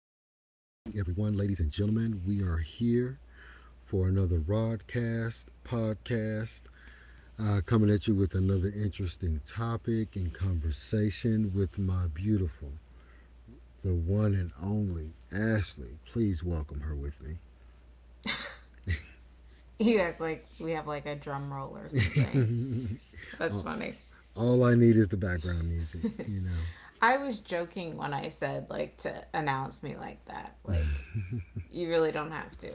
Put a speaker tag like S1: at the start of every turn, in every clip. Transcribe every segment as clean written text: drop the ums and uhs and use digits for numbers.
S1: everyone. Ladies and gentlemen, we are here for another broadcast, podcast, coming at you with another interesting topic and conversation with my beautiful, the one and only Ashley. Please welcome her with me.
S2: You act like we have like a drum roll or something. That's
S1: Uh,
S2: funny.
S1: all I need is the background music, you know.
S2: I was joking when I said like to announce me like that. Like you really don't have to.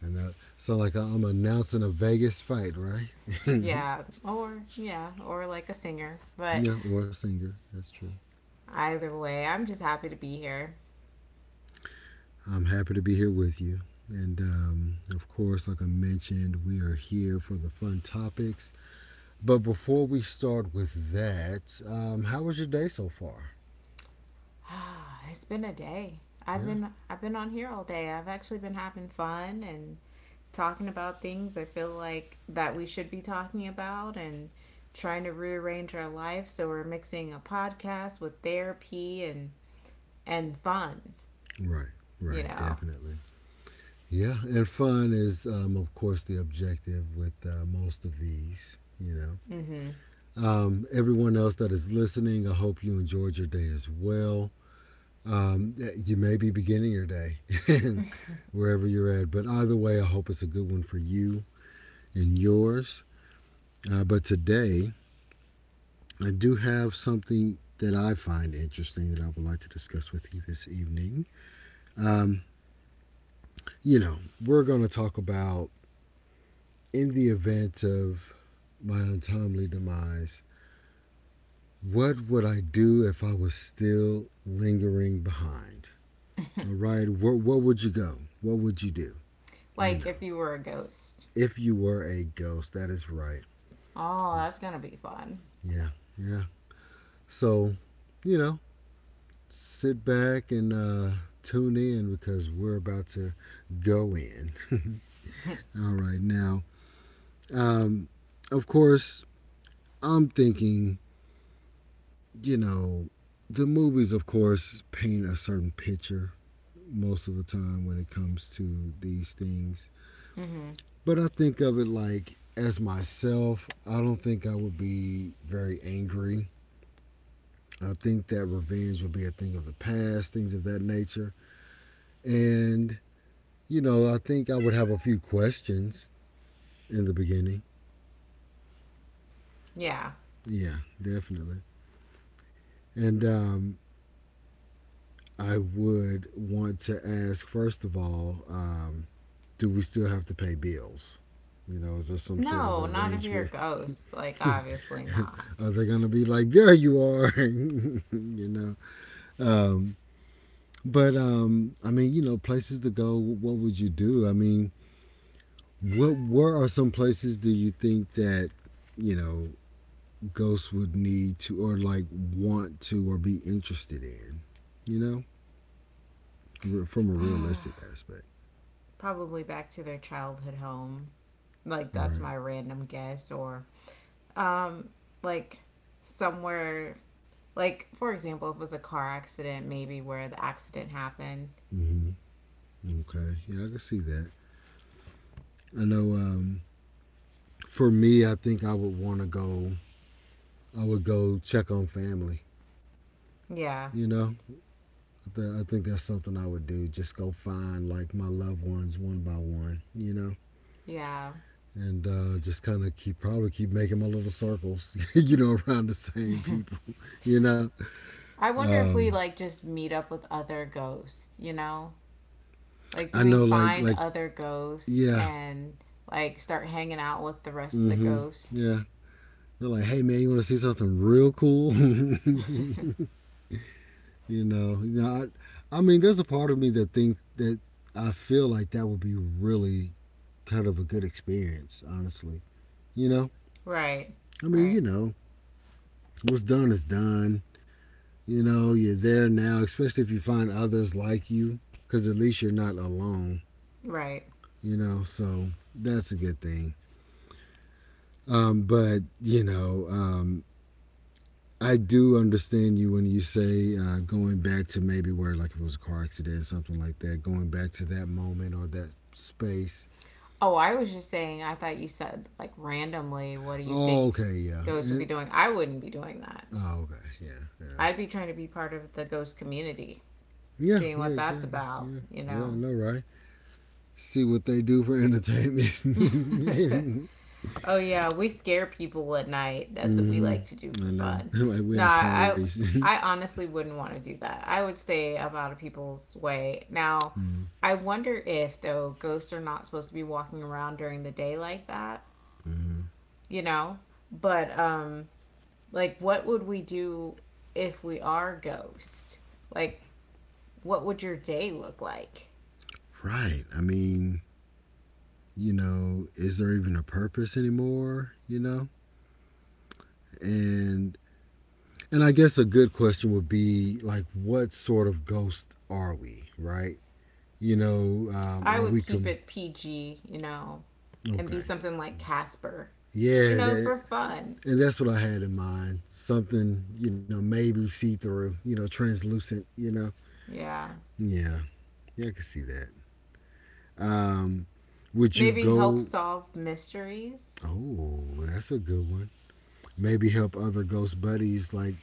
S1: And Sound like I'm announcing a Vegas fight, right?
S2: Yeah, or yeah, or like a singer. But
S1: Yeah, or a singer. That's true.
S2: either way, I'm just happy to be here.
S1: I'm happy to be here with you. And of course, like I mentioned, we are here for the fun topics. But before we start with that, how was your day so far?
S2: It's been a day. I've
S1: Yeah.
S2: been I've been on here all day. I've actually been having fun and talking about things I feel like that we should be talking about, and trying to rearrange our life so we're mixing a podcast with therapy and fun,
S1: Right,
S2: you
S1: right,
S2: know.
S1: definitely. Yeah, and fun is, of course, the objective with most of these, you know.
S2: Mhm.
S1: Everyone else that is listening, I hope you enjoyed your day as well. You may be beginning your day wherever you're at, but either way, I hope it's a good one for you. And yours. But today, I do have something that I find interesting that I would like to discuss with you this evening. Um, you know, we're going to talk about in the event of my untimely demise, what would I do if I was still lingering behind? All right, where would you go? What would you do? You
S2: Like
S1: know,
S2: if you were a ghost.
S1: if you were a ghost, that is right.
S2: Oh, that's going to be fun.
S1: Yeah, yeah. So, you know, sit back and tune in because we're about to go in. All right, now, um, of course, I'm thinking, you know, the movies, of course, paint a certain picture most of the time when it comes to these things.
S2: Mhm.
S1: But I think of it like as myself, I don't think I would be very angry. I think that revenge would be a thing of the past, things of that nature. And you know, I think I would have a few questions in the beginning.
S2: Yeah.
S1: Yeah, definitely. And I would want to ask, first of all, do we still have to pay bills? You know, is there some sort of
S2: No, not if you're a
S1: arrangement?
S2: ghost. Like obviously not.
S1: Are they going to be like, there you are? you know? Um, but, I mean, you know, places to go, what would you do? I mean, what, where are some places do you think that, you know, ghosts would need to or like want to or be interested in, you know, from a realistic aspect,
S2: Probably back to their childhood home. Like that's
S1: right?
S2: my random guess. Or um like somewhere, like for example, if it was a car accident, maybe where the accident happened.
S1: Hmm. Okay, yeah, I can see that. I know. For me, I think I would want to go. I would go check on family.
S2: Yeah.
S1: You know, I, I think that's something I would do. Just go find like my loved ones one by one. You know,
S2: Yeah.
S1: and just kind of keep probably keep making my little circles. You know, around the same people. You know,
S2: I wonder if we
S1: um,
S2: like just meet up with other ghosts, you know? Like do
S1: I
S2: we
S1: know like
S2: find
S1: like
S2: other ghosts
S1: yeah.
S2: and like start hanging out with the rest of the
S1: Mm-hmm.
S2: ghosts?
S1: Yeah. They're like, hey man, you want to see something real cool? You know. You know. I mean, there's a part of me that think that I feel like that would be really kind of a good experience, honestly. You know.
S2: Right.
S1: I mean,
S2: Right.
S1: you know, what's done is done. You know, you're there now, especially if you find others like you, because at least you're not alone.
S2: Right.
S1: You know, so that's a good thing. But you know, I do understand you when you say going back to maybe where, like, if it was a car accident, or something like that, going back to that moment or that space.
S2: Oh, I was just saying, I thought you said like, randomly, what do you
S1: Oh,
S2: think
S1: okay, yeah.
S2: ghosts would be
S1: And,
S2: doing? I wouldn't be doing that.
S1: oh, okay, yeah, yeah.
S2: I'd be trying to be part of the ghost community,
S1: Yeah,
S2: seeing
S1: yeah,
S2: what that's
S1: exactly.
S2: about,
S1: Yeah,
S2: you
S1: yeah, I
S2: know?
S1: know, right? See what they do for entertainment.
S2: Oh, yeah, we scare people at night. That's what we like to do
S1: Mm-hmm.
S2: for
S1: I know.
S2: fun.
S1: Like, we
S2: No,
S1: have
S2: I.
S1: parties.
S2: I honestly wouldn't want to do that. I would stay up out of people's way. Now,
S1: Mm-hmm.
S2: I wonder if though ghosts are not supposed to be walking around during the day like that, you know? But like what would we do if we are ghosts? Like what would your day look like?
S1: Right. I mean, you know, is there even a purpose anymore? You know? And And I guess a good question would be like, what sort of ghost are we, right? You know,
S2: I
S1: are
S2: would
S1: we
S2: keep
S1: com-
S2: it PG, you know, and be
S1: okay?
S2: something like Casper, you
S1: Yeah,
S2: know,
S1: that,
S2: for fun.
S1: and that's what I had in mind. Something, you know, maybe see through, you know, translucent, you know.
S2: Yeah.
S1: Yeah, yeah, I can see that. Um, would you
S2: Maybe help
S1: go?
S2: solve mysteries.
S1: Oh, that's a good one. Maybe help other ghost buddies, like,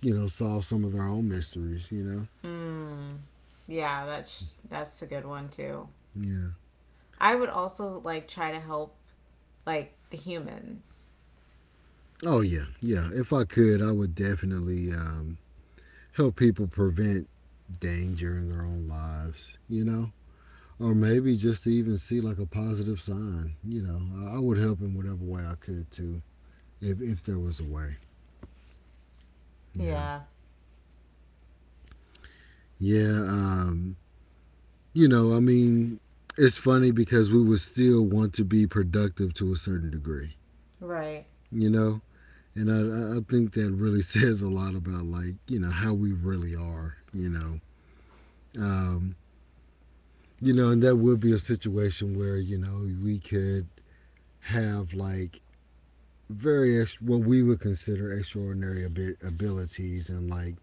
S1: you know, solve some of their own mysteries, you know?
S2: Hmm. Yeah, that's a good one too.
S1: Yeah.
S2: I would also like try to help like the humans.
S1: Oh, yeah, yeah. If I could, I would definitely help people prevent danger in their own lives, you know? Or maybe just to even see like a positive sign, you know? I, would help in whatever way I could too, if there was a way. Yeah.
S2: Yeah.
S1: Yeah. You know, I mean, it's funny because we would still want to be productive to a certain degree,
S2: Right.
S1: you know? And I think that really says a lot about like, you know, how we really are, you know? Um, you know, and that would be a situation where, you know, we could have like various what we would consider extraordinary abilities and like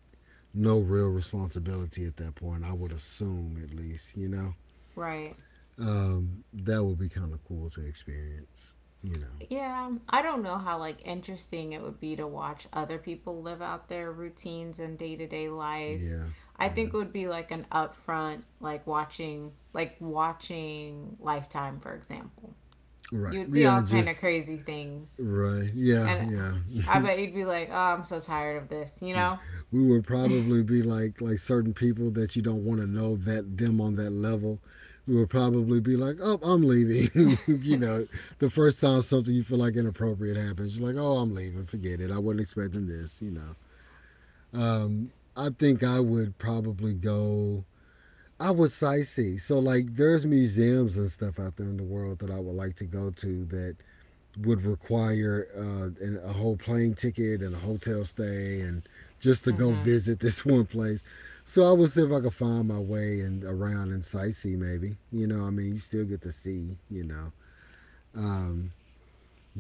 S1: no real responsibility at that point. I would assume at least, you know,
S2: Right.
S1: that would be kind of cool to experience. You know,
S2: Yeah, I don't know how like interesting it would be to watch other people live out their routines and day to day life.
S1: yeah,
S2: I
S1: yeah,
S2: think it would be like an upfront, like watching Lifetime, for example.
S1: right,
S2: You would see
S1: yeah,
S2: all kind of
S1: just
S2: crazy things,
S1: right, yeah,
S2: and
S1: yeah,
S2: I bet you'd be like, "Oh, I'm so tired of this," you
S1: we
S2: know.
S1: would probably be like certain people that you don't want to know that them on that level. We would probably be like, oh, I'm leaving. You know, the first time something you feel like inappropriate happens, you're like, oh, I'm leaving, forget it, I wasn't expecting this, you know. I think I would probably go. I would sightsee, so like there's museums and stuff out there in the world that I would like to go to that would require a whole plane ticket and a hotel stay and just to go
S2: Hmm.
S1: visit this one place. So I would see if I could find my way and around and sightsee maybe. You know, I mean, you still get to see. You know, um,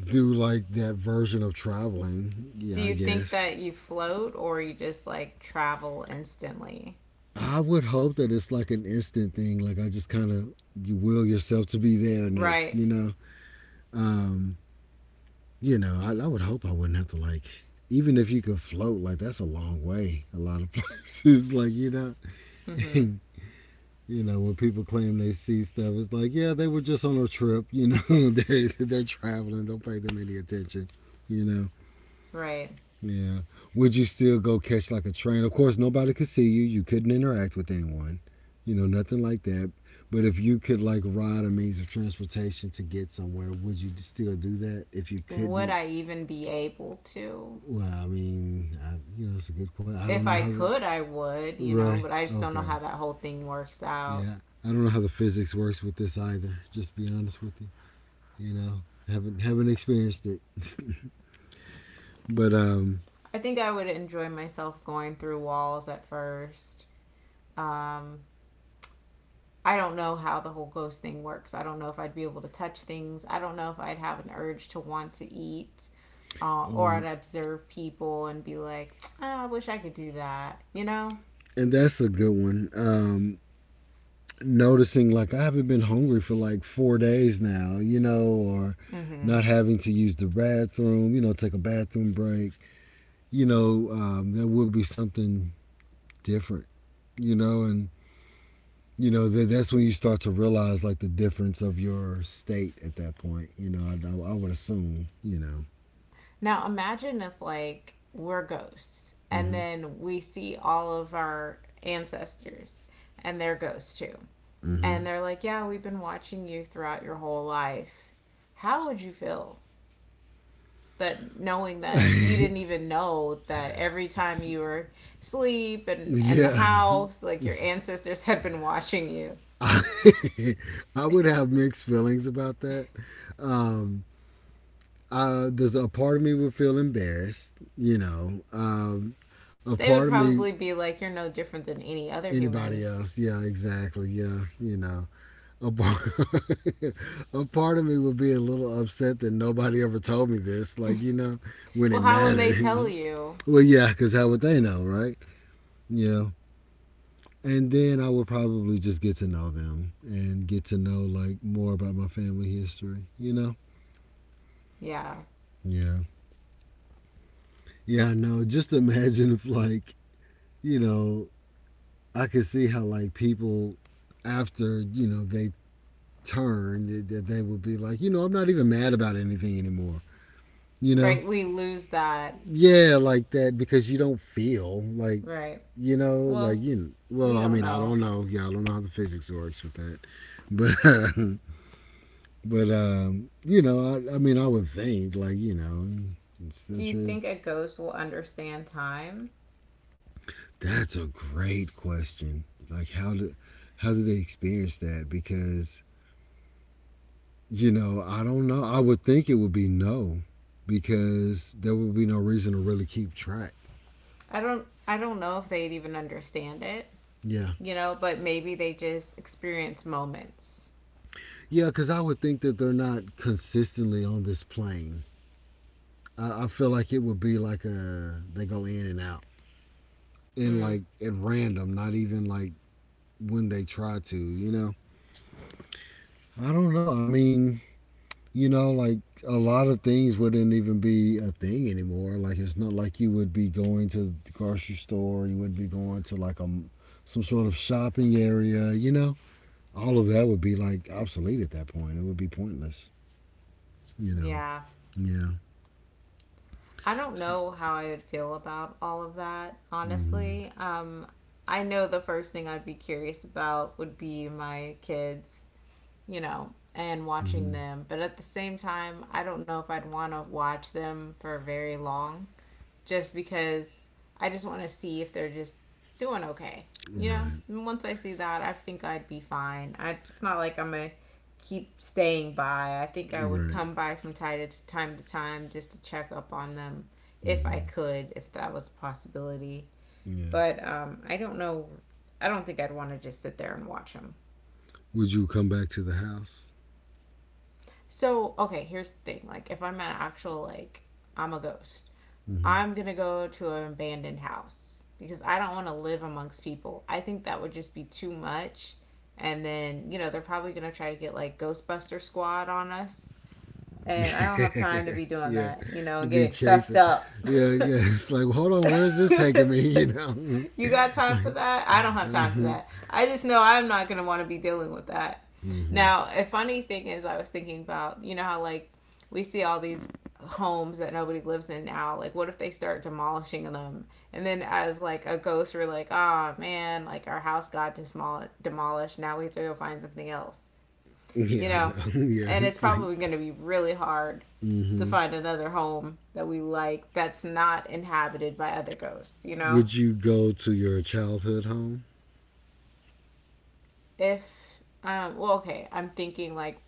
S1: do like that version of traveling.
S2: Do
S1: Yeah, I
S2: you think
S1: guess.
S2: that you float or you just like travel instantly?
S1: I would hope that it's like an instant thing. Like I just kind of you will yourself to be there next.
S2: Right.
S1: You know. Um, You know, I would hope I wouldn't have to like. Even if you could float, like that's a long way. A lot of places, like you know,
S2: Hmm.
S1: you know when people claim they see stuff, it's like yeah, they were just on a trip. You know, they're traveling. Don't pay them any attention. You know,
S2: Right.
S1: yeah. Would you still go catch like a train? Of course, nobody could see you. You couldn't interact with anyone. You know, nothing like that. But if you could like ride a means of transportation to get somewhere, would you still do that? If you
S2: Would
S1: couldn't.
S2: I even be able to?
S1: Well, I mean, I, you know, it's a good question. I don't
S2: If
S1: know
S2: I
S1: how the
S2: could, I would, you know,
S1: right.
S2: but I just don't know
S1: Okay,
S2: how that whole thing works out.
S1: yeah, I don't know how the physics works with this either. Just to be honest with you, you know, haven't experienced it. But
S2: I think I would enjoy myself going through walls at first. Um, I don't know how the whole ghost thing works. I don't know if I'd be able to touch things. I don't know if I'd have an urge to want to eat or I'd
S1: oh,
S2: observe people and be like, "Ah, I wish I could do that, you know?
S1: and that's a good one. Noticing like I haven't been hungry for like 4 days now, you know, or
S2: Mm hmm.
S1: not having to use the bathroom, you know, take a bathroom break, you know, that would be something different, you know, and you know that that's when you start to realize like the difference of your state at that point, you know, I would assume, you know.
S2: Now imagine if like we're ghosts and
S1: Mm-hmm.
S2: then we see all of our ancestors and they're ghosts too. And
S1: Mm-hmm.
S2: they're like, "Yeah, we've been watching you throughout your whole life." How would you feel? That knowing that you didn't even know that every time you were asleep and the
S1: Yeah.
S2: house, like your ancestors had been watching you.
S1: I would have mixed feelings about that. Um, there's a part of me would feel embarrassed, you know. Um, a
S2: They would
S1: part of me,
S2: probably be like, "You're no different than any other
S1: anybody
S2: human."
S1: else, yeah, exactly, yeah, you know, a part, a part of me would be a little upset that nobody ever told me this, like, you know, when
S2: Well,
S1: it
S2: how when they tell
S1: mattered.
S2: you?
S1: Well, yeah, because how would they know, right? Yeah. And then I would probably just get to know them and get to know like more about my family history, you know?
S2: Yeah.
S1: Yeah. Yeah, I know. Just imagine if like, you know, I could see how like people after, you know, they turn that that they would be like, you know, I'm not even mad about anything anymore. You know?
S2: Right, we lose that.
S1: Yeah, like that because you don't feel like,
S2: Right.
S1: you know, like
S2: Well,
S1: you.
S2: we
S1: Well, I
S2: don't
S1: mean, I
S2: know.
S1: don't know. Yeah, I don't know how the physics works with that, but uh, but you know, I mean, I would think like you know, it's
S2: Do
S1: the
S2: you think a ghost will understand time?
S1: that's a great question. Like how do they experience that? Because you know, I don't know. I would think it would be no, because there would be no reason to really keep track.
S2: I don't know if they'd even understand it,
S1: Yeah.
S2: you know, but maybe they just experience moments.
S1: Yeah, because I would think that they're not consistently on this plane. I feel like it would be like a they go in and out and
S2: Mm,
S1: like at random, not even like when they try to. You know, I don't know. I mean, like a lot of things wouldn't even be a thing anymore. Like it's not like you would be going to the grocery store. You would be going to like a some sort of shopping area. All of that would be like obsolete at that point. It would be pointless. You know.
S2: yeah.
S1: Yeah.
S2: I don't
S1: S-
S2: know how I would feel about all of that,
S1: mhm.
S2: honestly. I know the first thing I'd be curious about would be my kids, you know, and watching
S1: Hmm.
S2: them. But at the same time, I don't know if I'd want to watch them for very long just because I just want to see if they're just doing okay. You know,
S1: Right.
S2: and once I see that, I think I'd be fine. I, it's not like I'm gonna keep staying by. I think I would
S1: Right.
S2: come by from time to time to time just to check up on them, if I
S1: Hmm.
S2: could, if that was a possibility.
S1: Yeah.
S2: But I don't know. I don't think I'd want to just sit there and watch them.
S1: Would you come back to the house?
S2: So okay, here's the thing. Like if I'm an actual like I'm a ghost,
S1: Hmm.
S2: I'm going to go to an abandoned house because I don't want to live amongst people. I think that would just be too much. And then, you know, they're probably going to try to get like Ghostbuster Squad on us. And I don't have time to be doing
S1: Yeah,
S2: that, you know,
S1: to
S2: and
S1: be
S2: getting sucked
S1: chasing.
S2: up.
S1: Yeah, yeah. It's like, hold on, where's this taking me?
S2: You got time for
S1: Like,
S2: that? I don't have time for
S1: uh-huh,
S2: that. I just know I'm not going to want to be dealing with that.
S1: hmm,
S2: Now, a funny thing is, I was thinking about, you know, how like we see all these homes that nobody lives in now. Like, what if they start demolishing them? And then, as like a ghost, we're like, ah, oh, man, like our house got demolished. Now we have to go find something else, you
S1: yeah, I
S2: know,
S1: know. Yeah,
S2: and it's
S1: it's like,
S2: probably going to be really hard to
S1: hmm
S2: find another home that we like that's not inhabited by other ghosts, you know?
S1: would you go to your childhood home?
S2: If, well, okay, I'm thinking like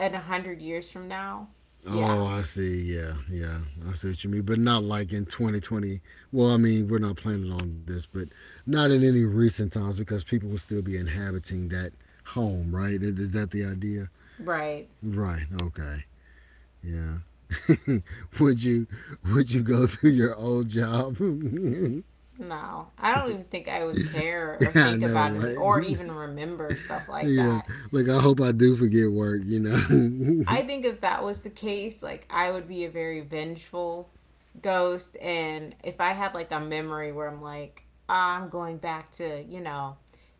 S2: in 100 years from now,
S1: Oh,
S2: yeah,
S1: I see. Yeah, yeah. I see what you mean. But not like in 2020. Well, I mean, we're not planning on this, but not in any recent times because people will still be inhabiting that home, right? Is that the idea?
S2: right.
S1: Right. Okay. Yeah. would you would you go through your old job? Yeah,
S2: No, I don't even think I would care or
S1: I
S2: think
S1: know,
S2: about any
S1: right?
S2: or even remember stuff like
S1: Yeah.
S2: that.
S1: Like I hope I do forget work.
S2: I think if that was the case, like I would be a very vengeful ghost, and if I had like a memory where I'm like, "Ah, I'm going back to you know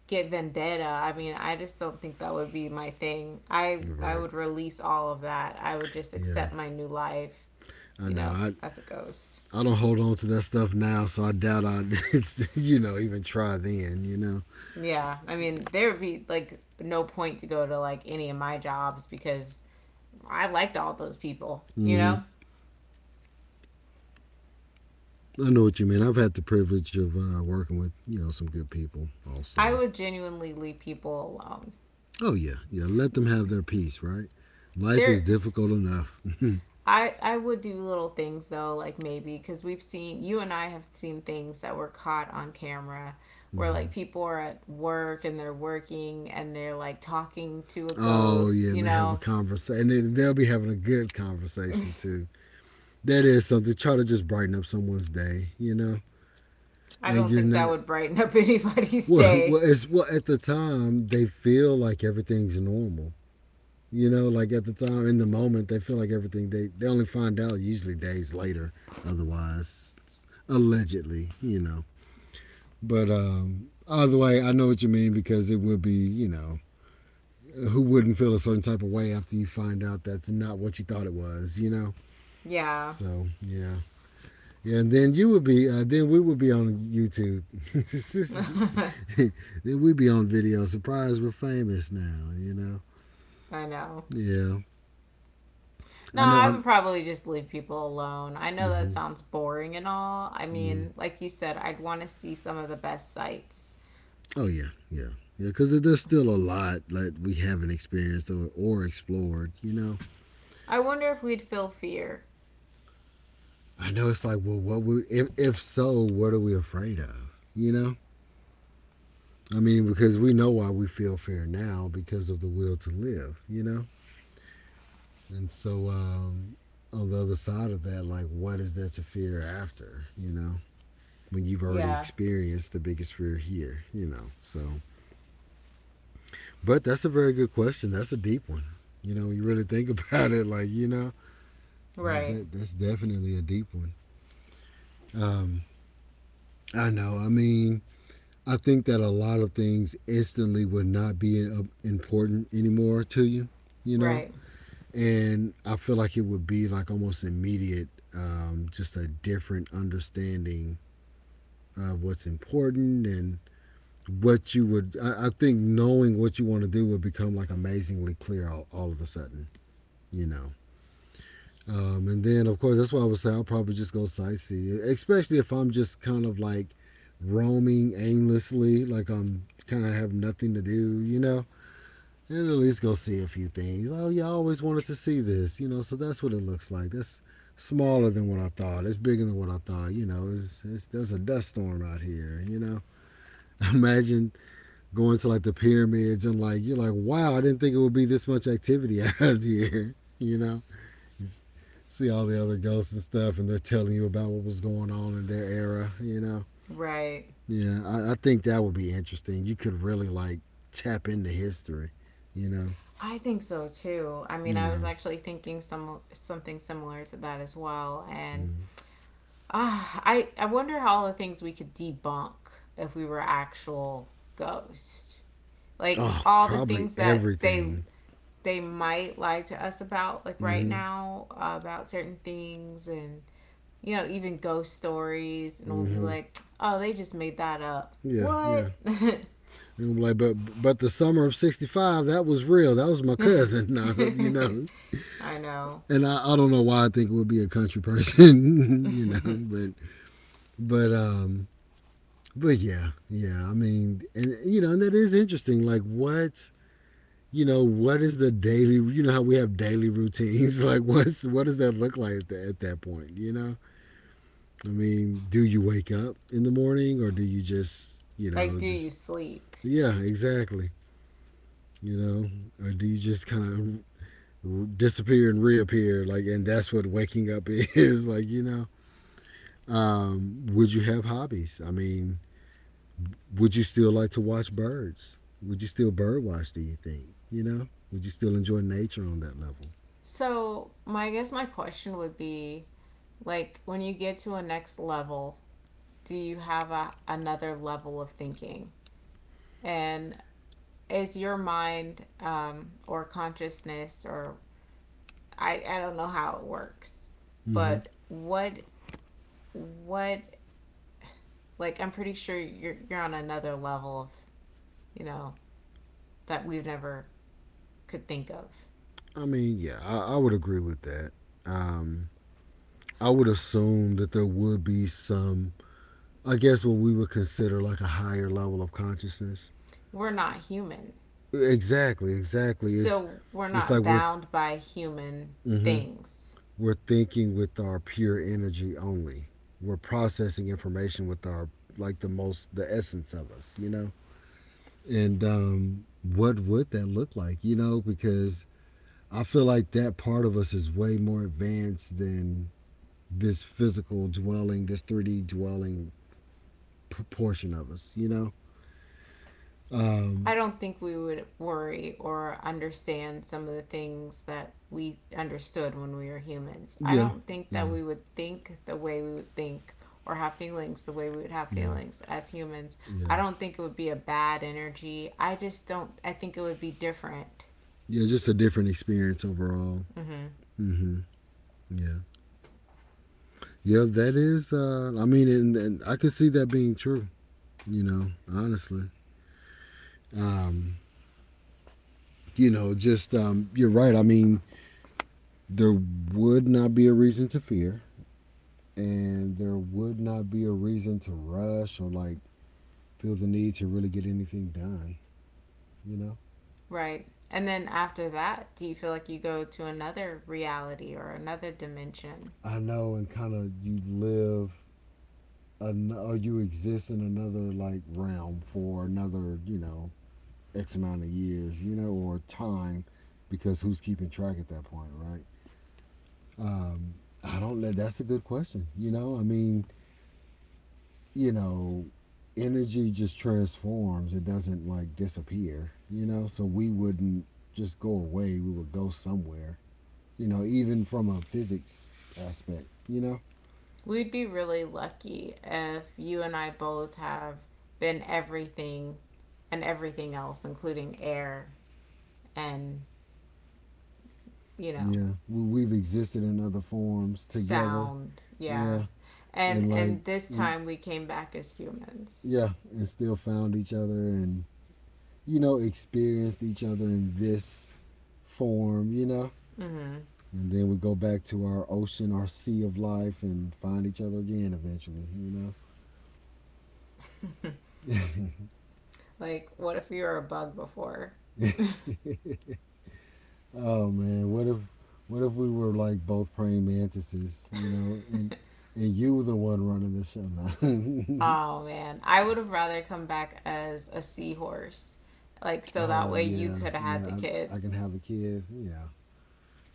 S2: get vendetta. I mean, I just don't think that would be my thing. I
S1: Right.
S2: would release all of that. I would just
S1: Yeah.
S2: accept my new life,
S1: I
S2: you
S1: know.
S2: know,
S1: I
S2: as a ghost.
S1: I don't hold on to that stuff now, so I doubt I'd, even try then.
S2: Yeah. I mean, there would be like no point to go to like any of my jobs because I liked all those people,
S1: Mm
S2: you know?
S1: hmm. I know what you mean. I've had the privilege of working with, some good people
S2: I
S1: also.
S2: would genuinely leave people alone.
S1: Oh, yeah. Yeah. Let them have their peace, right? Life
S2: There
S1: is difficult enough. Mm
S2: I would do little things though, like maybe because we've seen you and I have seen things that were caught on camera where like
S1: hmm.
S2: people are at work and they're working and they're like talking to a
S1: Oh,
S2: ghost,
S1: yeah.
S2: you
S1: And they have a
S2: know.
S1: conversation. And they'll be having a good conversation, too. That is something. Try to just brighten up someone's day, you know?
S2: I
S1: And
S2: don't
S1: you're
S2: think that
S1: not,
S2: would brighten up anybody's
S1: well,
S2: day.
S1: well, it's, well, at the time, they feel like everything's normal. Like at the time, in the moment, they feel like everything. They only find out usually days later. Otherwise, allegedly. But either way, I know what you mean, because it would be, who wouldn't feel a certain type of way after you find out that's not what you thought it was.
S2: Yeah.
S1: So yeah. Yeah, and then we would be on YouTube. Then we'd be on video. Surprise, we're famous now, you know?
S2: I know.
S1: Yeah.
S2: No,
S1: I know
S2: I would
S1: I'm.
S2: probably just leave people alone. I know that
S1: Mm-hmm,
S2: sounds boring and all. I
S1: mm-hmm.
S2: mean, like you said, I'd want to see some of the best sights.
S1: Oh yeah, yeah, yeah. Because there's still a lot that we haven't experienced or explored.
S2: I wonder if we'd feel fear.
S1: I know, it's like, well, what we if so, what are we afraid of? You know, I mean, because we know why we feel fear now because of the will to live. And so, on the other side of that, like, what is there to fear after? When you've already
S2: Yeah,
S1: experienced the biggest fear here. So. But that's a very good question. That's a deep one. You know, you really think about it, like you know That,
S2: right.
S1: that that's definitely a deep one. Um, I know. I mean, I think that a lot of things instantly would not be important anymore to you. You know,
S2: Right.
S1: and I feel like it would be like almost immediate, just a different understanding of what's important and what you would. I think knowing what you want to do would become like amazingly clear all of a sudden. You know, and then, of course, that's why I would say I'll probably just go sightsee, especially if I'm just kind of like roaming aimlessly, like I'm kind of have nothing to do, you know. And at least go see a few things. Oh, yeah, I always wanted to see this, you know. So that's what it looks like. That's smaller than what I thought. It's bigger than what I thought. You know, it's there's a dust storm out here. You know, imagine going to like the pyramids and like you're like, wow, I didn't think it would be this much activity out here. You know, you see all the other ghosts and stuff, and they're telling you about what was going on in their era. You know,
S2: Right.
S1: yeah, I think that would be interesting. You could really like tap into history. You know,
S2: I think so too. I mean,
S1: you
S2: I was
S1: know.
S2: actually thinking some something similar to that as well, and
S1: Mm.
S2: I wonder how the things we could debunk if we were actual ghosts, like
S1: Oh,
S2: all the
S1: probably
S2: things that
S1: everything.
S2: they might lie to us about, like right
S1: Mm-hmm.
S2: now about certain things, and you know even ghost stories, and we'll be
S1: Mm-hmm.
S2: like, oh, they just made that up.
S1: Yeah, yeah.
S2: What?
S1: They're gonna be like, but the summer of '65, that was real. That was my cousin. you know.
S2: I know.
S1: And I don't know why I think it would be a country person, but um but yeah, yeah. I mean, and that is interesting. Like, what is the daily? You know how we have daily routines. Like, what does that look like at that point? You know, I mean, do you wake up in the morning, or do you just, you
S2: Like,
S1: know,
S2: do you
S1: just
S2: sleep?
S1: yeah, exactly. Or do you just kind of disappear and reappear? Like, and that's what waking up is. Like, would you have hobbies? I mean, would you still like to watch birds? Would you still bird watch? Do you think? Would you still enjoy nature on that level?
S2: So, my I guess my question would be like when you get to a next level, do you have a, another level of thinking? And is your mind or consciousness or I don't know how it works,
S1: Mm-hmm.
S2: but what like I'm pretty sure you're on another level of you know that we've never could think of.
S1: I mean, yeah, I would agree with that. Um, I would assume that there would be some, I guess, what we would consider like a higher level of consciousness.
S2: We're not human.
S1: Exactly, exactly. It's
S2: So we're
S1: it's like
S2: not
S1: we're.
S2: bound by human
S1: Mm-hmm.
S2: things.
S1: We're thinking with our pure energy only. We're processing information with our, like, the essence of us. And what would that look like? Because I feel like that part of us is way more advanced than this physical dwelling, this 3D dwelling portion of us.
S2: I
S1: Um,
S2: don't think we would worry or understand some of the things that we understood when we were humans. I
S1: yeah,
S2: don't think that
S1: yeah,
S2: we would think the way we would think or have feelings the way we would have
S1: yeah,
S2: feelings as humans.
S1: yeah,
S2: I don't think it would be a bad energy. I just don't, I think it would be different.
S1: yeah. Just a different experience overall.
S2: Mm-hmm.
S1: Mm-hmm. Yeah, yeah. That is. I mean, and I could see that being true. You know, honestly. Um, just, you're right. I mean, there would not be a reason to fear, and there would not be a reason to rush or like feel the need to really get anything done. You know,
S2: Right. And then after that, do you feel like you go to another reality or another dimension?
S1: I know, and kind of you live or you exist in another like realm for another x amount of years, or time, because who's keeping track at that point, right? Um, I don't know. That's a good question. I mean, you know, energy just transforms. It doesn't like disappear, you know? So we wouldn't just go away. We would go somewhere, even from a physics aspect, you know?
S2: We'd be really lucky if you and I both have been everything and everything else, including air and, you know,
S1: Yeah. We've existed
S2: s-
S1: in other forms together.
S2: sound. Yeah.
S1: Yeah. And like,
S2: And this
S1: we,
S2: time we came back as humans.
S1: yeah, and still found each other and experienced each other in this form, you know?
S2: Mm-hmm.
S1: And then we go back to our ocean, our sea of life, and find each other again eventually, you know?
S2: Like, what if you were a bug before?
S1: Oh man, what if we were like both praying mantises, and you were the one running the show now?
S2: Oh man, I would have rather come back as a seahorse. Like, so that
S1: Oh
S2: way you
S1: yeah,
S2: could have had the
S1: yeah, I can
S2: kids,
S1: have the kids. Yeah,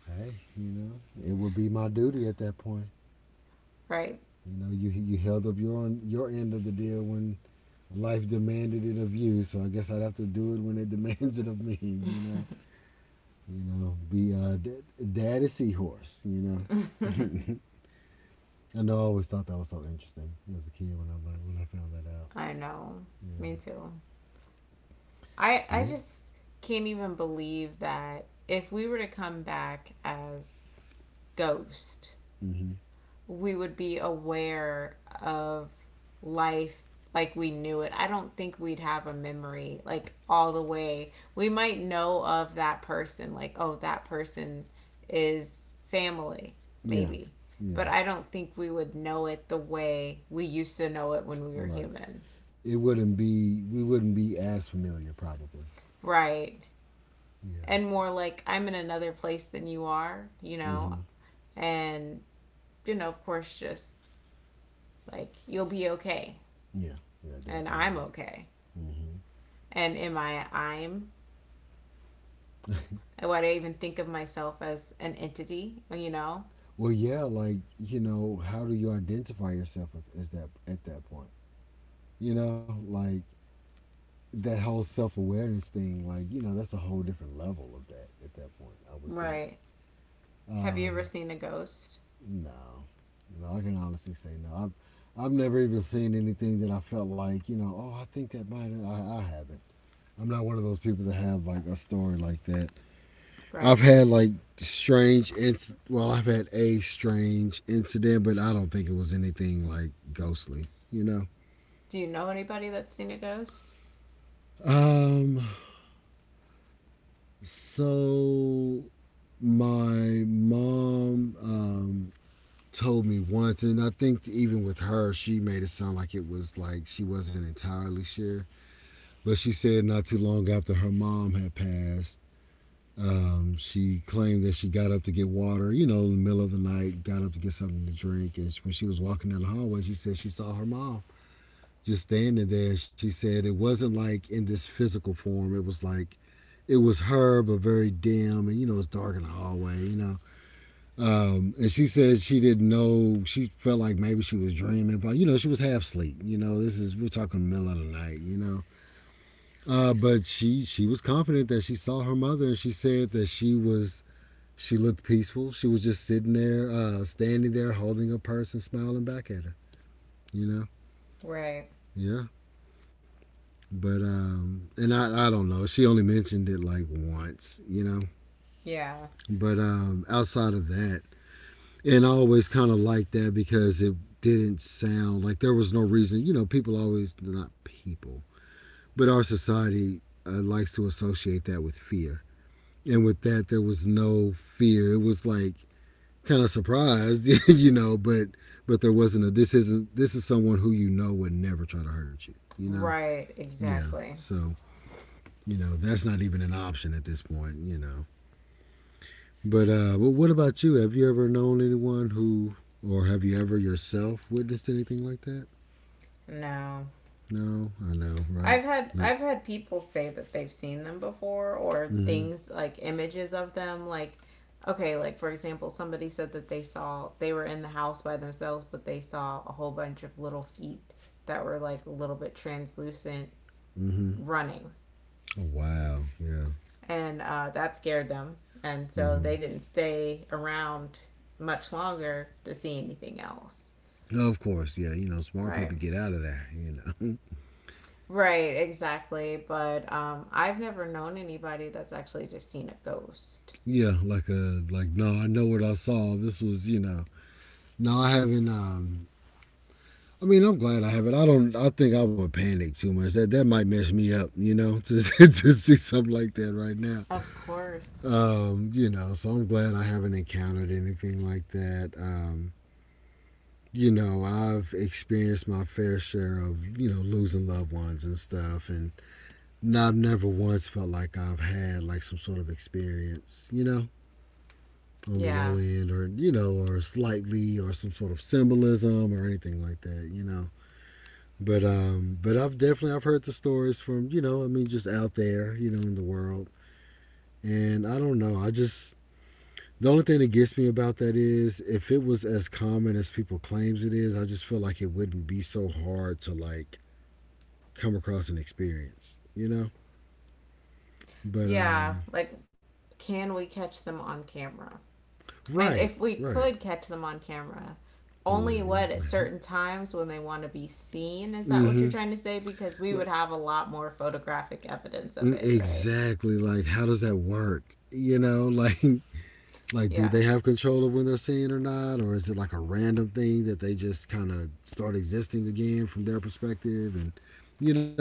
S1: hey, it would be my duty at that point.
S2: right?
S1: You held up your end of the deal when life demanded it of you, so I guess I'd have to do it when it demands it of me. You know, be daddy seahorse. You know I always thought that was so interesting as a kid when I found that out.
S2: I know. Me too. I
S1: Yeah.
S2: just can't even believe that if we were to come back as ghost,
S1: Hmm.
S2: we would be aware of life like we knew it. I don't think we'd have a memory like all the way. We might know of that person like oh that person is family
S1: Yeah,
S2: maybe. But
S1: yeah,
S2: I don't think we would know it the way we used to know it when we were
S1: right.
S2: human.
S1: It wouldn't be we wouldn't be as familiar probably.
S2: Right.
S1: Yeah.
S2: And more like, I'm in another place than you are, you know,
S1: Hmm.
S2: and of course, just like you'll be okay,
S1: Yeah, yeah,
S2: and I'm
S1: definitely.
S2: okay,
S1: Hmm.
S2: and am I? I'm. Why do I even think of myself as an entity?
S1: Well, yeah, like, how do you identify yourself as that at that point? You know, like that whole self awareness thing. Like, that's a whole different level of that at that point, I would think.
S2: Right. Have you ever
S1: Um,
S2: seen a ghost?
S1: No, no, I can honestly say no. I've never even seen anything that I felt like. Oh, I think that might. I haven't. I'm not one of those people that have like a story like that. I've
S2: Right?
S1: had like strange. Well, I've had a strange incident, but I don't think it was anything like ghostly.
S2: Do you know anybody that's seen a ghost?
S1: Um. So my mom told me once, and I think even with her, she made it sound like it was like she wasn't entirely sure. But she said not too long after her mom had passed, she claimed that she got up to get water, in the middle of the night, got up to get something to drink. And when she was walking down the hallway, she said she saw her mom just standing there. She said it wasn't like in this physical form, it was like it was her, but very dim. And it's dark in the hallway. And she said she didn't know. She felt like maybe she was dreaming, but she was half asleep. This is we're talking middle of the night. But she was confident that she saw her mother, and she said that she was she looked peaceful. She was just sitting there, standing there, holding her purse and smiling back at her. You know,
S2: Right.
S1: yeah. But and I don't know. She only mentioned it like once.
S2: Yeah.
S1: But outside of that, and I always kind of liked that because it didn't sound like there was no reason. People always not people, but our society likes to associate that with fear. And with that, there was no fear. It was like kind of surprised, but there wasn't a this isn't this is someone who would never try to hurt you, you know.
S2: Right.
S1: Yeah.
S2: Exactly.
S1: So that's not even an option at this point. But what about you? Have you ever known anyone, or have you ever yourself witnessed anything like that?
S2: No.
S1: No, I know, right? Like,
S2: I've had people say that they've seen them before, or
S1: mm-hmm,
S2: things like images of them. Like, okay, like for example, somebody said that they saw, they were in the house by themselves, but they saw a whole bunch of little feet that were like a little bit translucent
S1: mm-hmm.
S2: running,
S1: Oh, wow, yeah,
S2: and that scared them, and so
S1: mm-hmm.
S2: they didn't stay around much longer to see anything else.
S1: Of course, yeah. Smart
S2: Right.
S1: people get out of there. You know.
S2: Right, exactly. But I've never known anybody that's actually just seen a ghost.
S1: Yeah, like a like no, I know what I saw. This was, you know. No, I haven't I mean, I'm glad I haven't. I don't I think I would panic too much. That might mess me up, you know, to to see something like that right now.
S2: Of course.
S1: You know, so I'm glad I haven't encountered anything like that. You know, I've experienced my fair share of, you know, losing loved ones and stuff. And I've never once felt like I've had like some sort of experience, you know, on the low
S2: Yeah.
S1: end, or you know, or slightly, or some sort of symbolism or anything like that, but I've definitely I've heard the stories from, you know, I mean, just out there, you know, in the world. And I don't know, I just the only thing that gets me about that is if it was as common as people claims it is, I just feel like it wouldn't be so hard to like come across an experience, but
S2: Yeah. Like, can we catch them on camera? And if
S1: right,
S2: we could
S1: right,
S2: catch them on camera,
S1: what would
S2: only
S1: it look
S2: what, at
S1: like?
S2: certain times when they want to be seen? Is that what
S1: mm-hmm.
S2: you're trying to say? Because
S1: Like,
S2: we would have a lot more photographic evidence of
S1: mm,
S2: it, right?
S1: exactly. Like, how does that work? You know. Like, do
S2: Yeah.
S1: they have control of when they're seeing or not, or is it like a random thing that they just kind of start existing again from their perspective? And you know,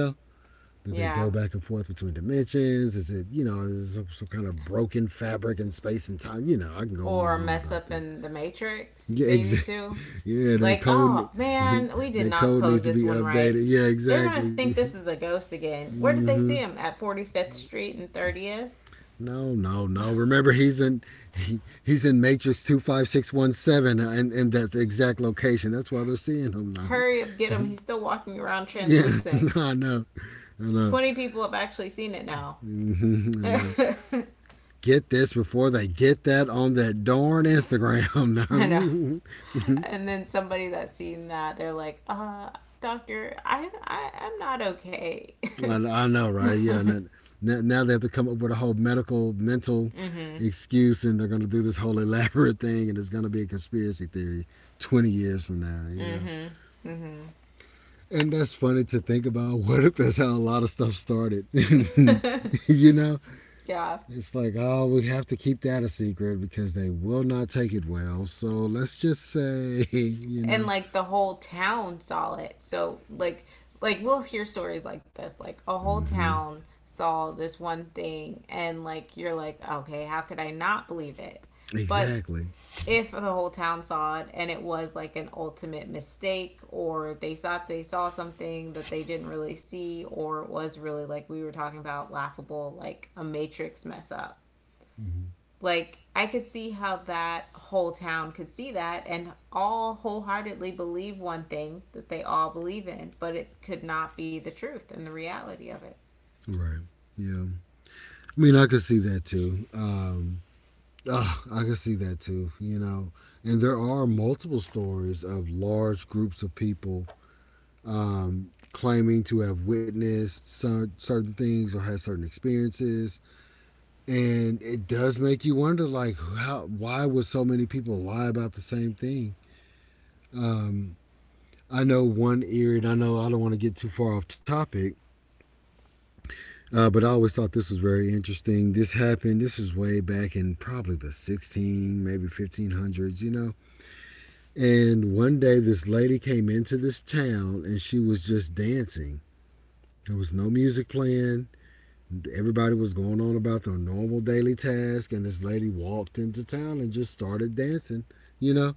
S1: do they go
S2: Yeah.
S1: back and forth between dimensions? Is it is it some kind of broken fabric in space and time? You know, I can go on
S2: Or
S1: and on
S2: mess
S1: about
S2: up
S1: that.
S2: in the Matrix,
S1: Yeah,
S2: maybe
S1: exactly.
S2: too.
S1: Yeah, that
S2: Like,
S1: code,
S2: oh man, we did
S1: that
S2: not
S1: code
S2: code
S1: needs to
S2: this
S1: be
S2: one right.
S1: updated. Yeah,
S2: They're going to
S1: exactly.
S2: think this is a ghost again. Where did they see
S1: Hmm.
S2: him? At 45th Street and 30th?
S1: No, no, no. Remember, he's in Matrix 25617, and in that exact location. That's why they're seeing him now.
S2: Hurry up, get him. He's still walking around
S1: Yeah,
S2: translucent.
S1: I know, I know.
S2: 20 people have actually seen it now.
S1: Mhm, I know.
S2: I
S1: Get this before they get that on that darn Instagram.
S2: know. And then somebody that's seen that, they're like, doctor, I'm not okay.
S1: Now. I know, right? Yeah. Now,
S2: Mm
S1: now they have to come up with a whole medical, mental
S2: hmm.
S1: excuse, and they're going to do this whole elaborate thing, and it's going to be a conspiracy theory 20 years from now. You
S2: Mm
S1: know.
S2: hmm. Mm
S1: And that's funny to think about. What if that's how a lot of stuff started?
S2: hmm.
S1: You know,
S2: Yeah.
S1: it's like, oh, we have to keep that a secret because they will not take it well. So let's just say, you
S2: And
S1: know,
S2: like the whole town saw it. So like we'll hear stories like this, like a whole
S1: hmm,
S2: town saw this one thing, and like you're like, okay, how could I not believe it? But
S1: exactly,
S2: if the whole town saw it and it was like an ultimate mistake, or they thought they saw something that they didn't really see, or it was really like we were talking about, laughable, like a matrix mess up,
S1: mm-hmm.
S2: like I could see how that whole town could see that and all wholeheartedly believe one thing that they all believe in, but it could not be the truth and the reality of it.
S1: Right? Yeah, I mean, I could see that too. Oh, I could see that too. You know, and there are multiple stories of large groups of people claiming to have witnessed some certain things or had certain experiences. And it does make you wonder, like, how why would so many people lie about the same thing? um, I know one area. And I know I don't want to get too far off topic, but I always thought this was very interesting. This happened this was way back in probably the 16, maybe 1500s, you know. And one day this lady came into this town and she was just dancing. There was no music playing. Everybody was going on about their normal daily task, and this lady walked into town and just started dancing, you know?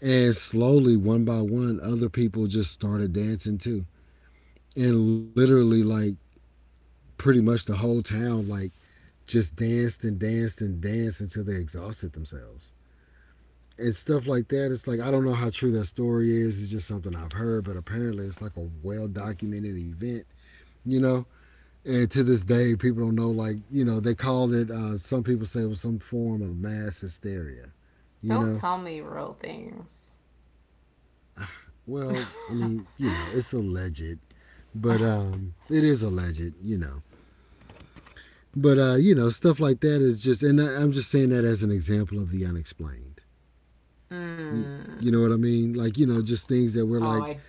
S1: And slowly, one by one, other people just started dancing too. And literally, like, pretty much the whole town, like, just danced and danced and danced until they exhausted themselves and stuff like that. It's like I don't know how true that story is. It's just something I've heard, but apparently it's like a well documented event, you know. And to this day, people don't know. Like, you know, they called it. Some people say it was some form of mass hysteria. You
S2: Don't
S1: know,
S2: tell me real things.
S1: well, I mean, you know, it's alleged, but it is alleged. You know, but you know, stuff like that is just. And I'm just saying that as an example of the unexplained.
S2: Mm.
S1: You know what I mean? Like, you know, just things that were
S2: Oh,
S1: like,
S2: I—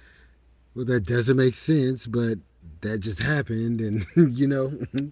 S1: well, that doesn't make sense, but that just happened, and you know,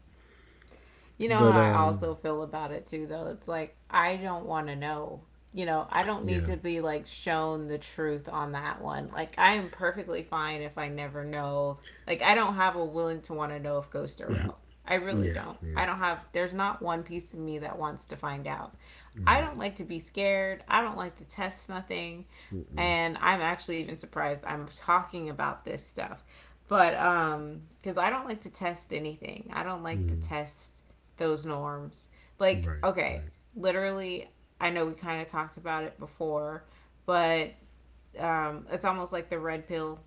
S2: You know how
S1: but
S2: I also feel about it too, though. It's like, I don't want to know. You know, I don't need
S1: yeah,
S2: to be like shown the truth on that one. Like, I am perfectly fine if I never know. Like, I don't have a willing to want to know if ghosts are real. I really
S1: yeah,
S2: don't.
S1: yeah,
S2: I don't have. There's not one piece of me that wants to find out. I
S1: right.
S2: don't like to be scared. I don't like to test nothing.
S1: Mm-mm.
S2: And I'm actually even surprised I'm talking about this stuff. But cuz I don't like to test anything. I don't like to
S1: Mm.
S2: test those norms. Like,
S1: Right,
S2: okay,
S1: right.
S2: literally, I know we kind of talked about it before, but it's almost like the red pill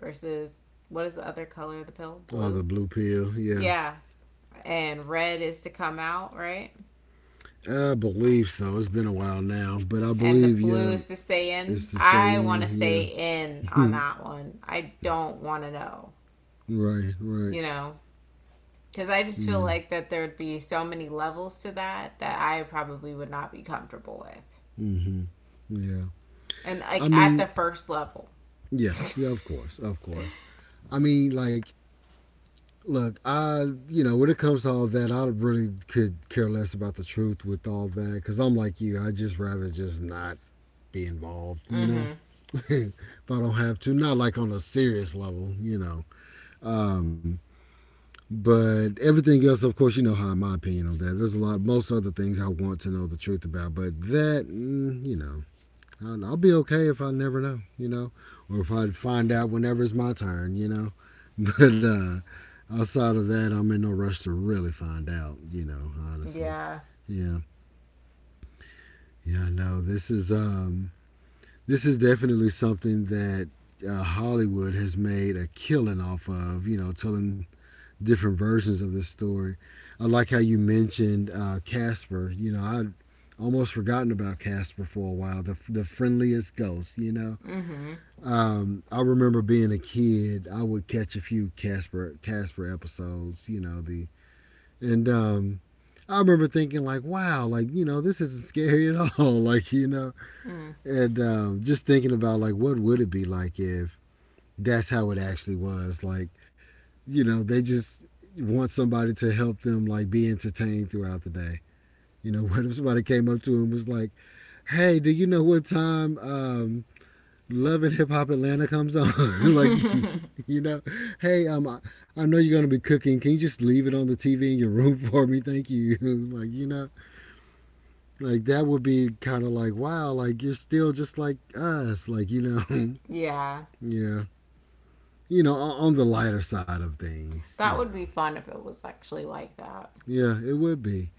S2: versus what is the other color of the pill?
S1: Oh, the
S2: Blue?
S1: blue pill. Yeah,
S2: Yeah. And red is to come out, right?
S1: I believe so. It's been a while now, but I
S2: And the
S1: believe, yeah,
S2: blue is to stay
S1: it's
S2: in.
S1: to stay
S2: I want to stay
S1: in.
S2: in on
S1: Yeah,
S2: that one. I don't want to know,
S1: right, right.
S2: you know? Because I just feel
S1: Yeah.
S2: like that there would be so many levels to that that I probably would not be comfortable with.
S1: Mm-hmm. Yeah.
S2: And
S1: I
S2: like at the
S1: mean,
S2: first level.
S1: yeah, yeah. Of course, of course. I mean, like, look, you know, when it comes to all that, I really could care less about the truth with all that because I'm like you. I just rather just not be involved, you know,
S2: Mm-hmm.
S1: if I don't have to. Not like on a serious level, you know. Um, But everything else, of course, you know how my opinion on that. There's a lot, most other things I want to know the truth about, but that, mm, you know, I'll be okay if I never know, you know, or if I find out whenever it's my turn, you know. But outside of that, I'm in no rush to really find out, you know, honestly.
S2: Yeah.
S1: Yeah, yeah, no, this is definitely something that Hollywood has made a killing off of, you know, telling different versions of this story. I like how you mentioned Casper. You know, I almost forgotten about Casper for a while. The friendliest ghost. You know,
S2: Mm-hmm.
S1: I remember being a kid. I would catch a few Casper episodes. You know the and I remember thinking like, wow, like, you know, this isn't scary at all. Like, you know, and just thinking about like, what would it be like if that's how it actually was? Like, you know, they just want somebody to help them like be entertained throughout the day. You know, what if somebody came up to him and was like, "Hey, do you know what time Love and Hip Hop Atlanta comes on?" Like,
S2: Mm.
S1: you know, "Hey, I know you're gonna be cooking. Can you just leave it on the TV in your room for me? Thank you." Like, you know, like that would be kind of like, "Wow, like you're still just like us." Like, you know,
S2: Yeah.
S1: yeah, you know, on the lighter side of things, you
S2: That would
S1: know,
S2: be fun if it was actually like that.
S1: yeah, it would be.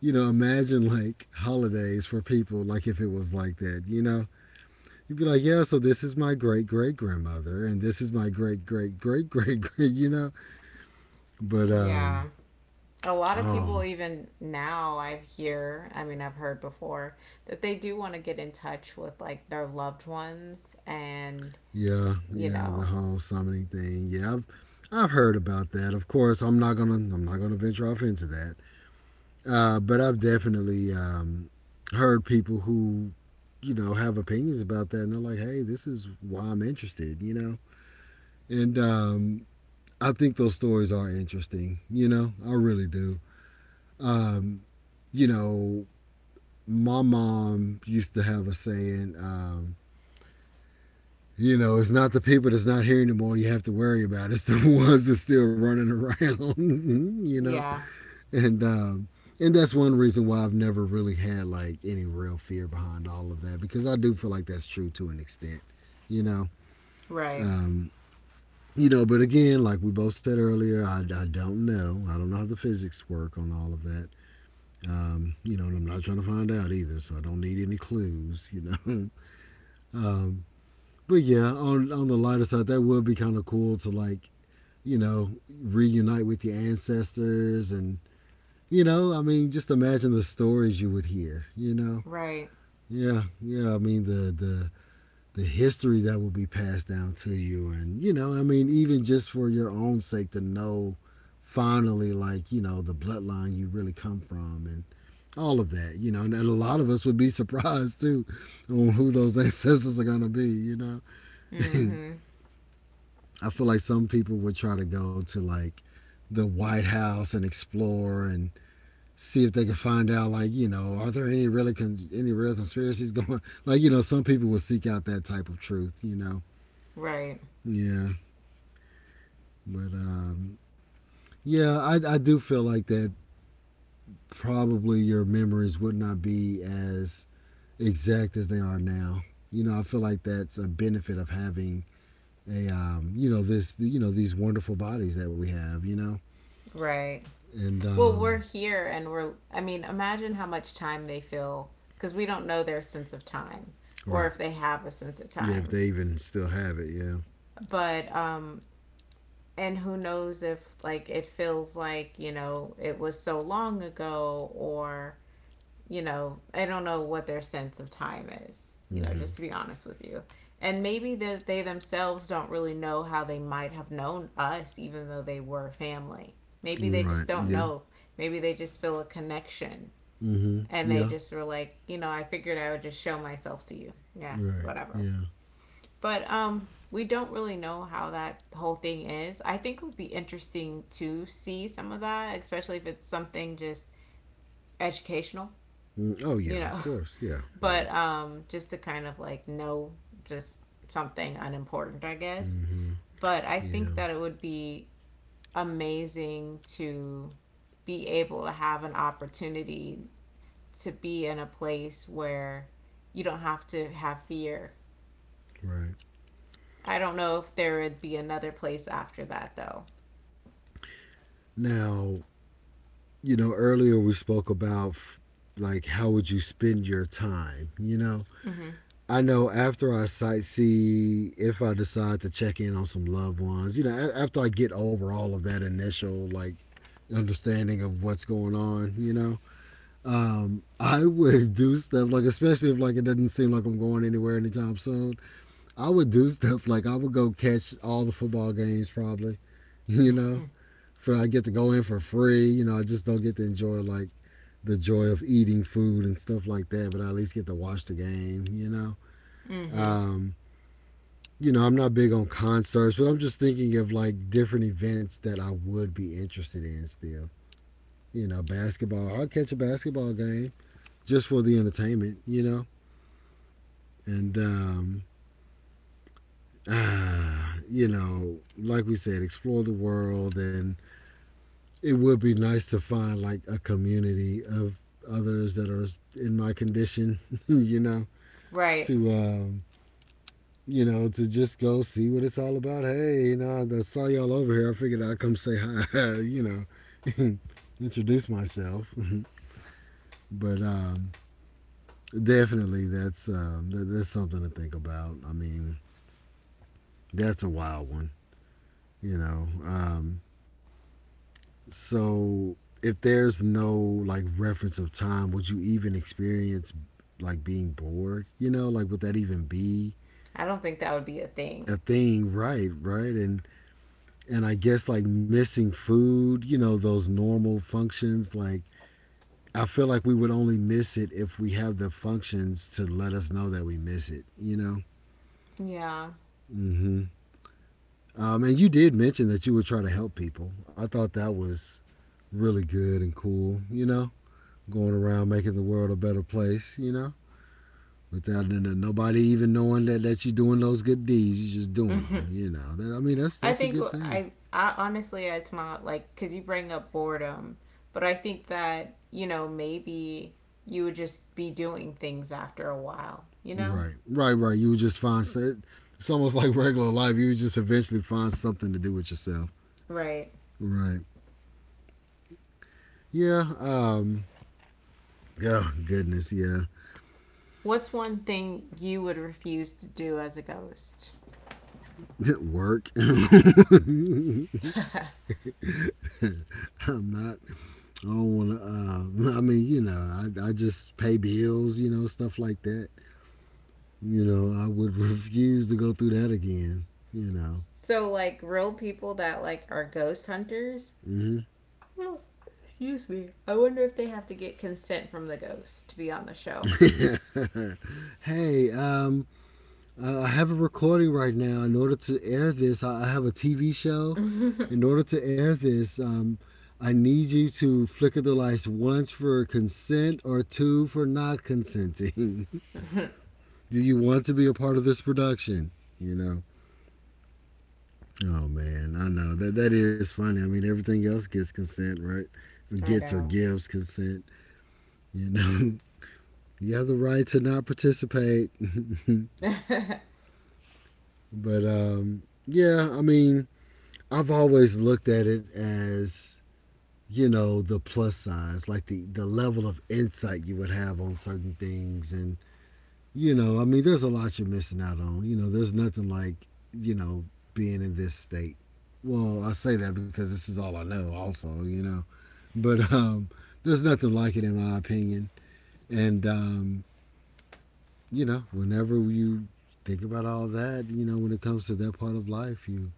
S1: You know, imagine like holidays for people, like if it was like that, you know, you'd be like, yeah, so this is my great great grandmother, and this is my great great great great great, you know, but
S2: Yeah. A lot of
S1: oh,
S2: people even now I hear, I mean I've heard before that they do want to get in touch with like their loved ones, and
S1: yeah,
S2: you
S1: yeah, the
S2: know.
S1: whole summoning thing. Yeah, I've heard about that. Of course, I'm not gonna venture off into that. But I've definitely heard people who, you know, have opinions about that, and they're like, hey, this is why I'm interested, you know. And I think those stories are interesting. You know, I really do. Um, you know, my mom used to have a saying. You know, it's not the people that's not here anymore you have to worry about. It's the ones that's still running around. You know,
S2: Yeah.
S1: and um, and that's one reason why I've never really had like any real fear behind all of that because I do feel like that's true to an extent. You know,
S2: Right.
S1: um, you know, but again, like we both said earlier, I don't know. I don't know how the physics work on all of that. You know, and I'm not trying to find out either, so I don't need any clues, you know. um, but yeah, on the lighter side, that would be kind of cool to like reunite with your ancestors and, I mean, just imagine the stories you would hear, you know.
S2: Right.
S1: Yeah, yeah, I mean, the history that will be passed down to you, and I mean, even just for your own sake to know finally, like, the bloodline you really come from, and all of that, you know. And a lot of us would be surprised too on who those ancestors are going to be, you know.
S2: Mm-hmm.
S1: I feel like some people would try to go to like the White House and explore and see if they can find out, like, you know, are there any really any real conspiracies going, like, you know, some people would seek out that type of truth, you know.
S2: Right.
S1: Yeah. But yeah, I do feel like that probably your memories would not be as exact as they are now. You know, I feel like that's a benefit of having a you know this, you know, these wonderful bodies that we have. You know,
S2: Right.
S1: and
S2: Well, we're
S1: um,
S2: here and we're, I mean, imagine how much time they feel, because we don't know their sense of time, or
S1: right.
S2: if they have a sense of
S1: Yeah, if
S2: time.
S1: they even still have it, yeah.
S2: But, and who knows if like it feels like, you know, it was so long ago, or, you know, I don't know what their sense of time is, you know, just
S1: Hmm.
S2: to be honest with you. And maybe that they themselves don't really know how they might have known us, even though they were family. Maybe they
S1: Right,
S2: just don't
S1: yeah.
S2: know. Maybe they just feel a connection,
S1: Mm-hmm,
S2: and they
S1: yeah.
S2: just were like, you know, I figured I would just show myself to you. Yeah,
S1: Right,
S2: whatever.
S1: yeah.
S2: But we don't really know how that whole thing is. I think it would be interesting to see some of that, especially if it's something just educational,
S1: Mm, oh,
S2: you
S1: yeah, of
S2: know.
S1: course. Yeah, yeah.
S2: But just to kind of like know, just something unimportant, I guess.
S1: Mm-hmm,
S2: But I think
S1: yeah.
S2: that it would be amazing to be able to have an opportunity to be in a place where you don't have to have fear.
S1: Right.
S2: I don't know if there would be another place after that though.
S1: Now, you know, earlier we spoke about like how would you spend your time, you know? I know after I sightsee, if I decide to check in on some loved ones, you know, after I get over all of that initial like understanding of what's going on, you know, I would do stuff like, especially if like it doesn't seem like I'm going anywhere anytime soon. I would do stuff like I would go catch all the football games probably, you know,
S2: Mm-hmm.
S1: for I get to go in for free. You know, I just don't get to enjoy like the joy of eating food and stuff like that, but I at least get to watch the game, you know?
S2: Mm-hmm.
S1: Um, you know, I'm not big on concerts, but I'm just thinking of like different events that I would be interested in still. You know, basketball. I'll catch a basketball game just for the entertainment, you know? And, ah, you know, like we said, explore the world. And it would be nice to find like a community of others that are in my condition, you know,
S2: Right.
S1: to, um, you know, to just go see what it's all about. Hey, you know, I saw y'all over here. I figured I'd come say hi, you know, introduce myself. But definitely, that's that's something to think about. I mean, that's a wild one, you know. So if there's no like reference of time, would you even experience like being bored? You know, like would that even be
S2: I don't think that would be a thing.
S1: a thing? Right, right, and I guess like missing food, you know, those normal functions. Like, I feel like we would only miss it if we have the functions to let us know that we miss it, you know?
S2: Yeah.
S1: Hmm. And you did mention that you would try to help people. I thought that was really good and cool, you know? Going around making the world a better place, you know? Without nobody even knowing that, that you're doing those good deeds, you're just doing
S2: Mhm.
S1: them, you know. That, I mean, that's
S2: I
S1: that's a
S2: think
S1: good thing.
S2: I honestly, it's not like because you bring up boredom, but I think that, you know, maybe you would just be doing things after a while. You know.
S1: Right, right, right. You would just find it's almost like regular life. You would just eventually find something to do with yourself.
S2: Right.
S1: Right. Yeah. Oh goodness. Yeah.
S2: What's one thing you would refuse to do as a ghost?
S1: Work. I'm not. I don't want to. I mean, you know, I just pay bills. You know, stuff like that. You know, I would refuse to go through that again. You
S2: So like real people that like are ghost hunters.
S1: know.
S2: Well, excuse me. I wonder if they have to get consent from the ghost to be on the show.
S1: Hmm. Hey. I have a recording right now. In order to air this, I have a TV show. In order to air this, I need you to flicker the lights once for consent or two for not consenting. Do you want to be a part of this production? You know? Oh man, I know that that is funny. I mean, everything else gets consent, right? Or
S2: I
S1: gets or
S2: know.
S1: gives consent. You know, you have the right to not participate. But yeah, I mean, I've always looked at it as you know the plus sides, like the level of insight you would have on certain things, and you know, I mean, there's a lot you're missing out on. You know, there's nothing like you know being in this state. Well, I say that because this is all I know, also, you know, but there's nothing like it in my opinion, and you know, whenever you think about all that, you know, when it comes to that part of life, you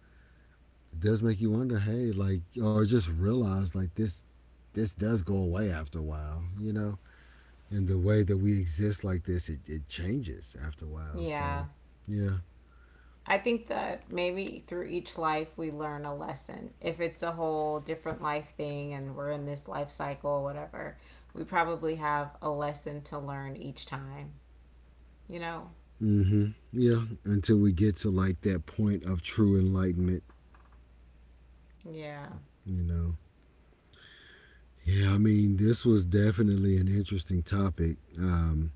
S1: it does make you wonder, hey, like, or just realize, like, this does go away after a while, you know? And the way that we exist like this, it changes after a while.
S2: Yeah.
S1: So, yeah.
S2: I think that maybe through each life we learn a lesson. If it's a whole different life thing and we're in this life cycle or whatever, we probably have a lesson to learn each time, you know?
S1: Mm-hmm. Yeah. Until we get to like that point of true enlightenment,
S2: Yeah.
S1: you know? Yeah, I mean, this was definitely an interesting topic.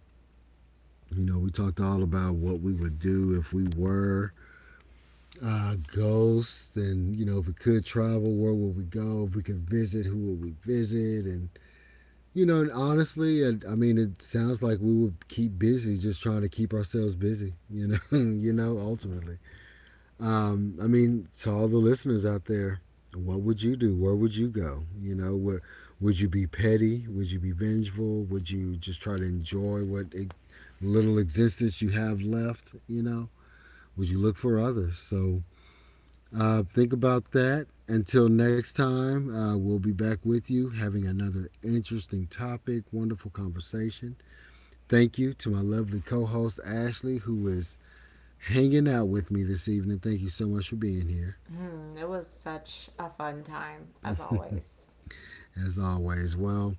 S1: You know, we talked all about what we would do if we were ghosts and, you know, if we could travel, where would we go? If we could visit, who would we visit? And you know, and honestly, I, mean, it sounds like we would keep busy, just trying to keep ourselves busy. You know, you know, ultimately. I mean, to all the listeners out there, what would you do? Where would you go? You know, would you be petty? Would you be vengeful? Would you just try to enjoy what little existence you have left? You know, would you look for others? So think about that. Until next time, we'll be back with you having another interesting topic, wonderful conversation. Thank you to my lovely co host, Ashley, who is hanging out with me this evening. Thank you so much for being here,
S2: Hmm, it was such a fun time, as always.
S1: as always. Well,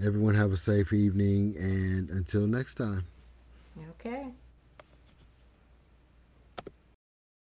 S1: everyone have a safe evening, and until next time.
S2: Okay.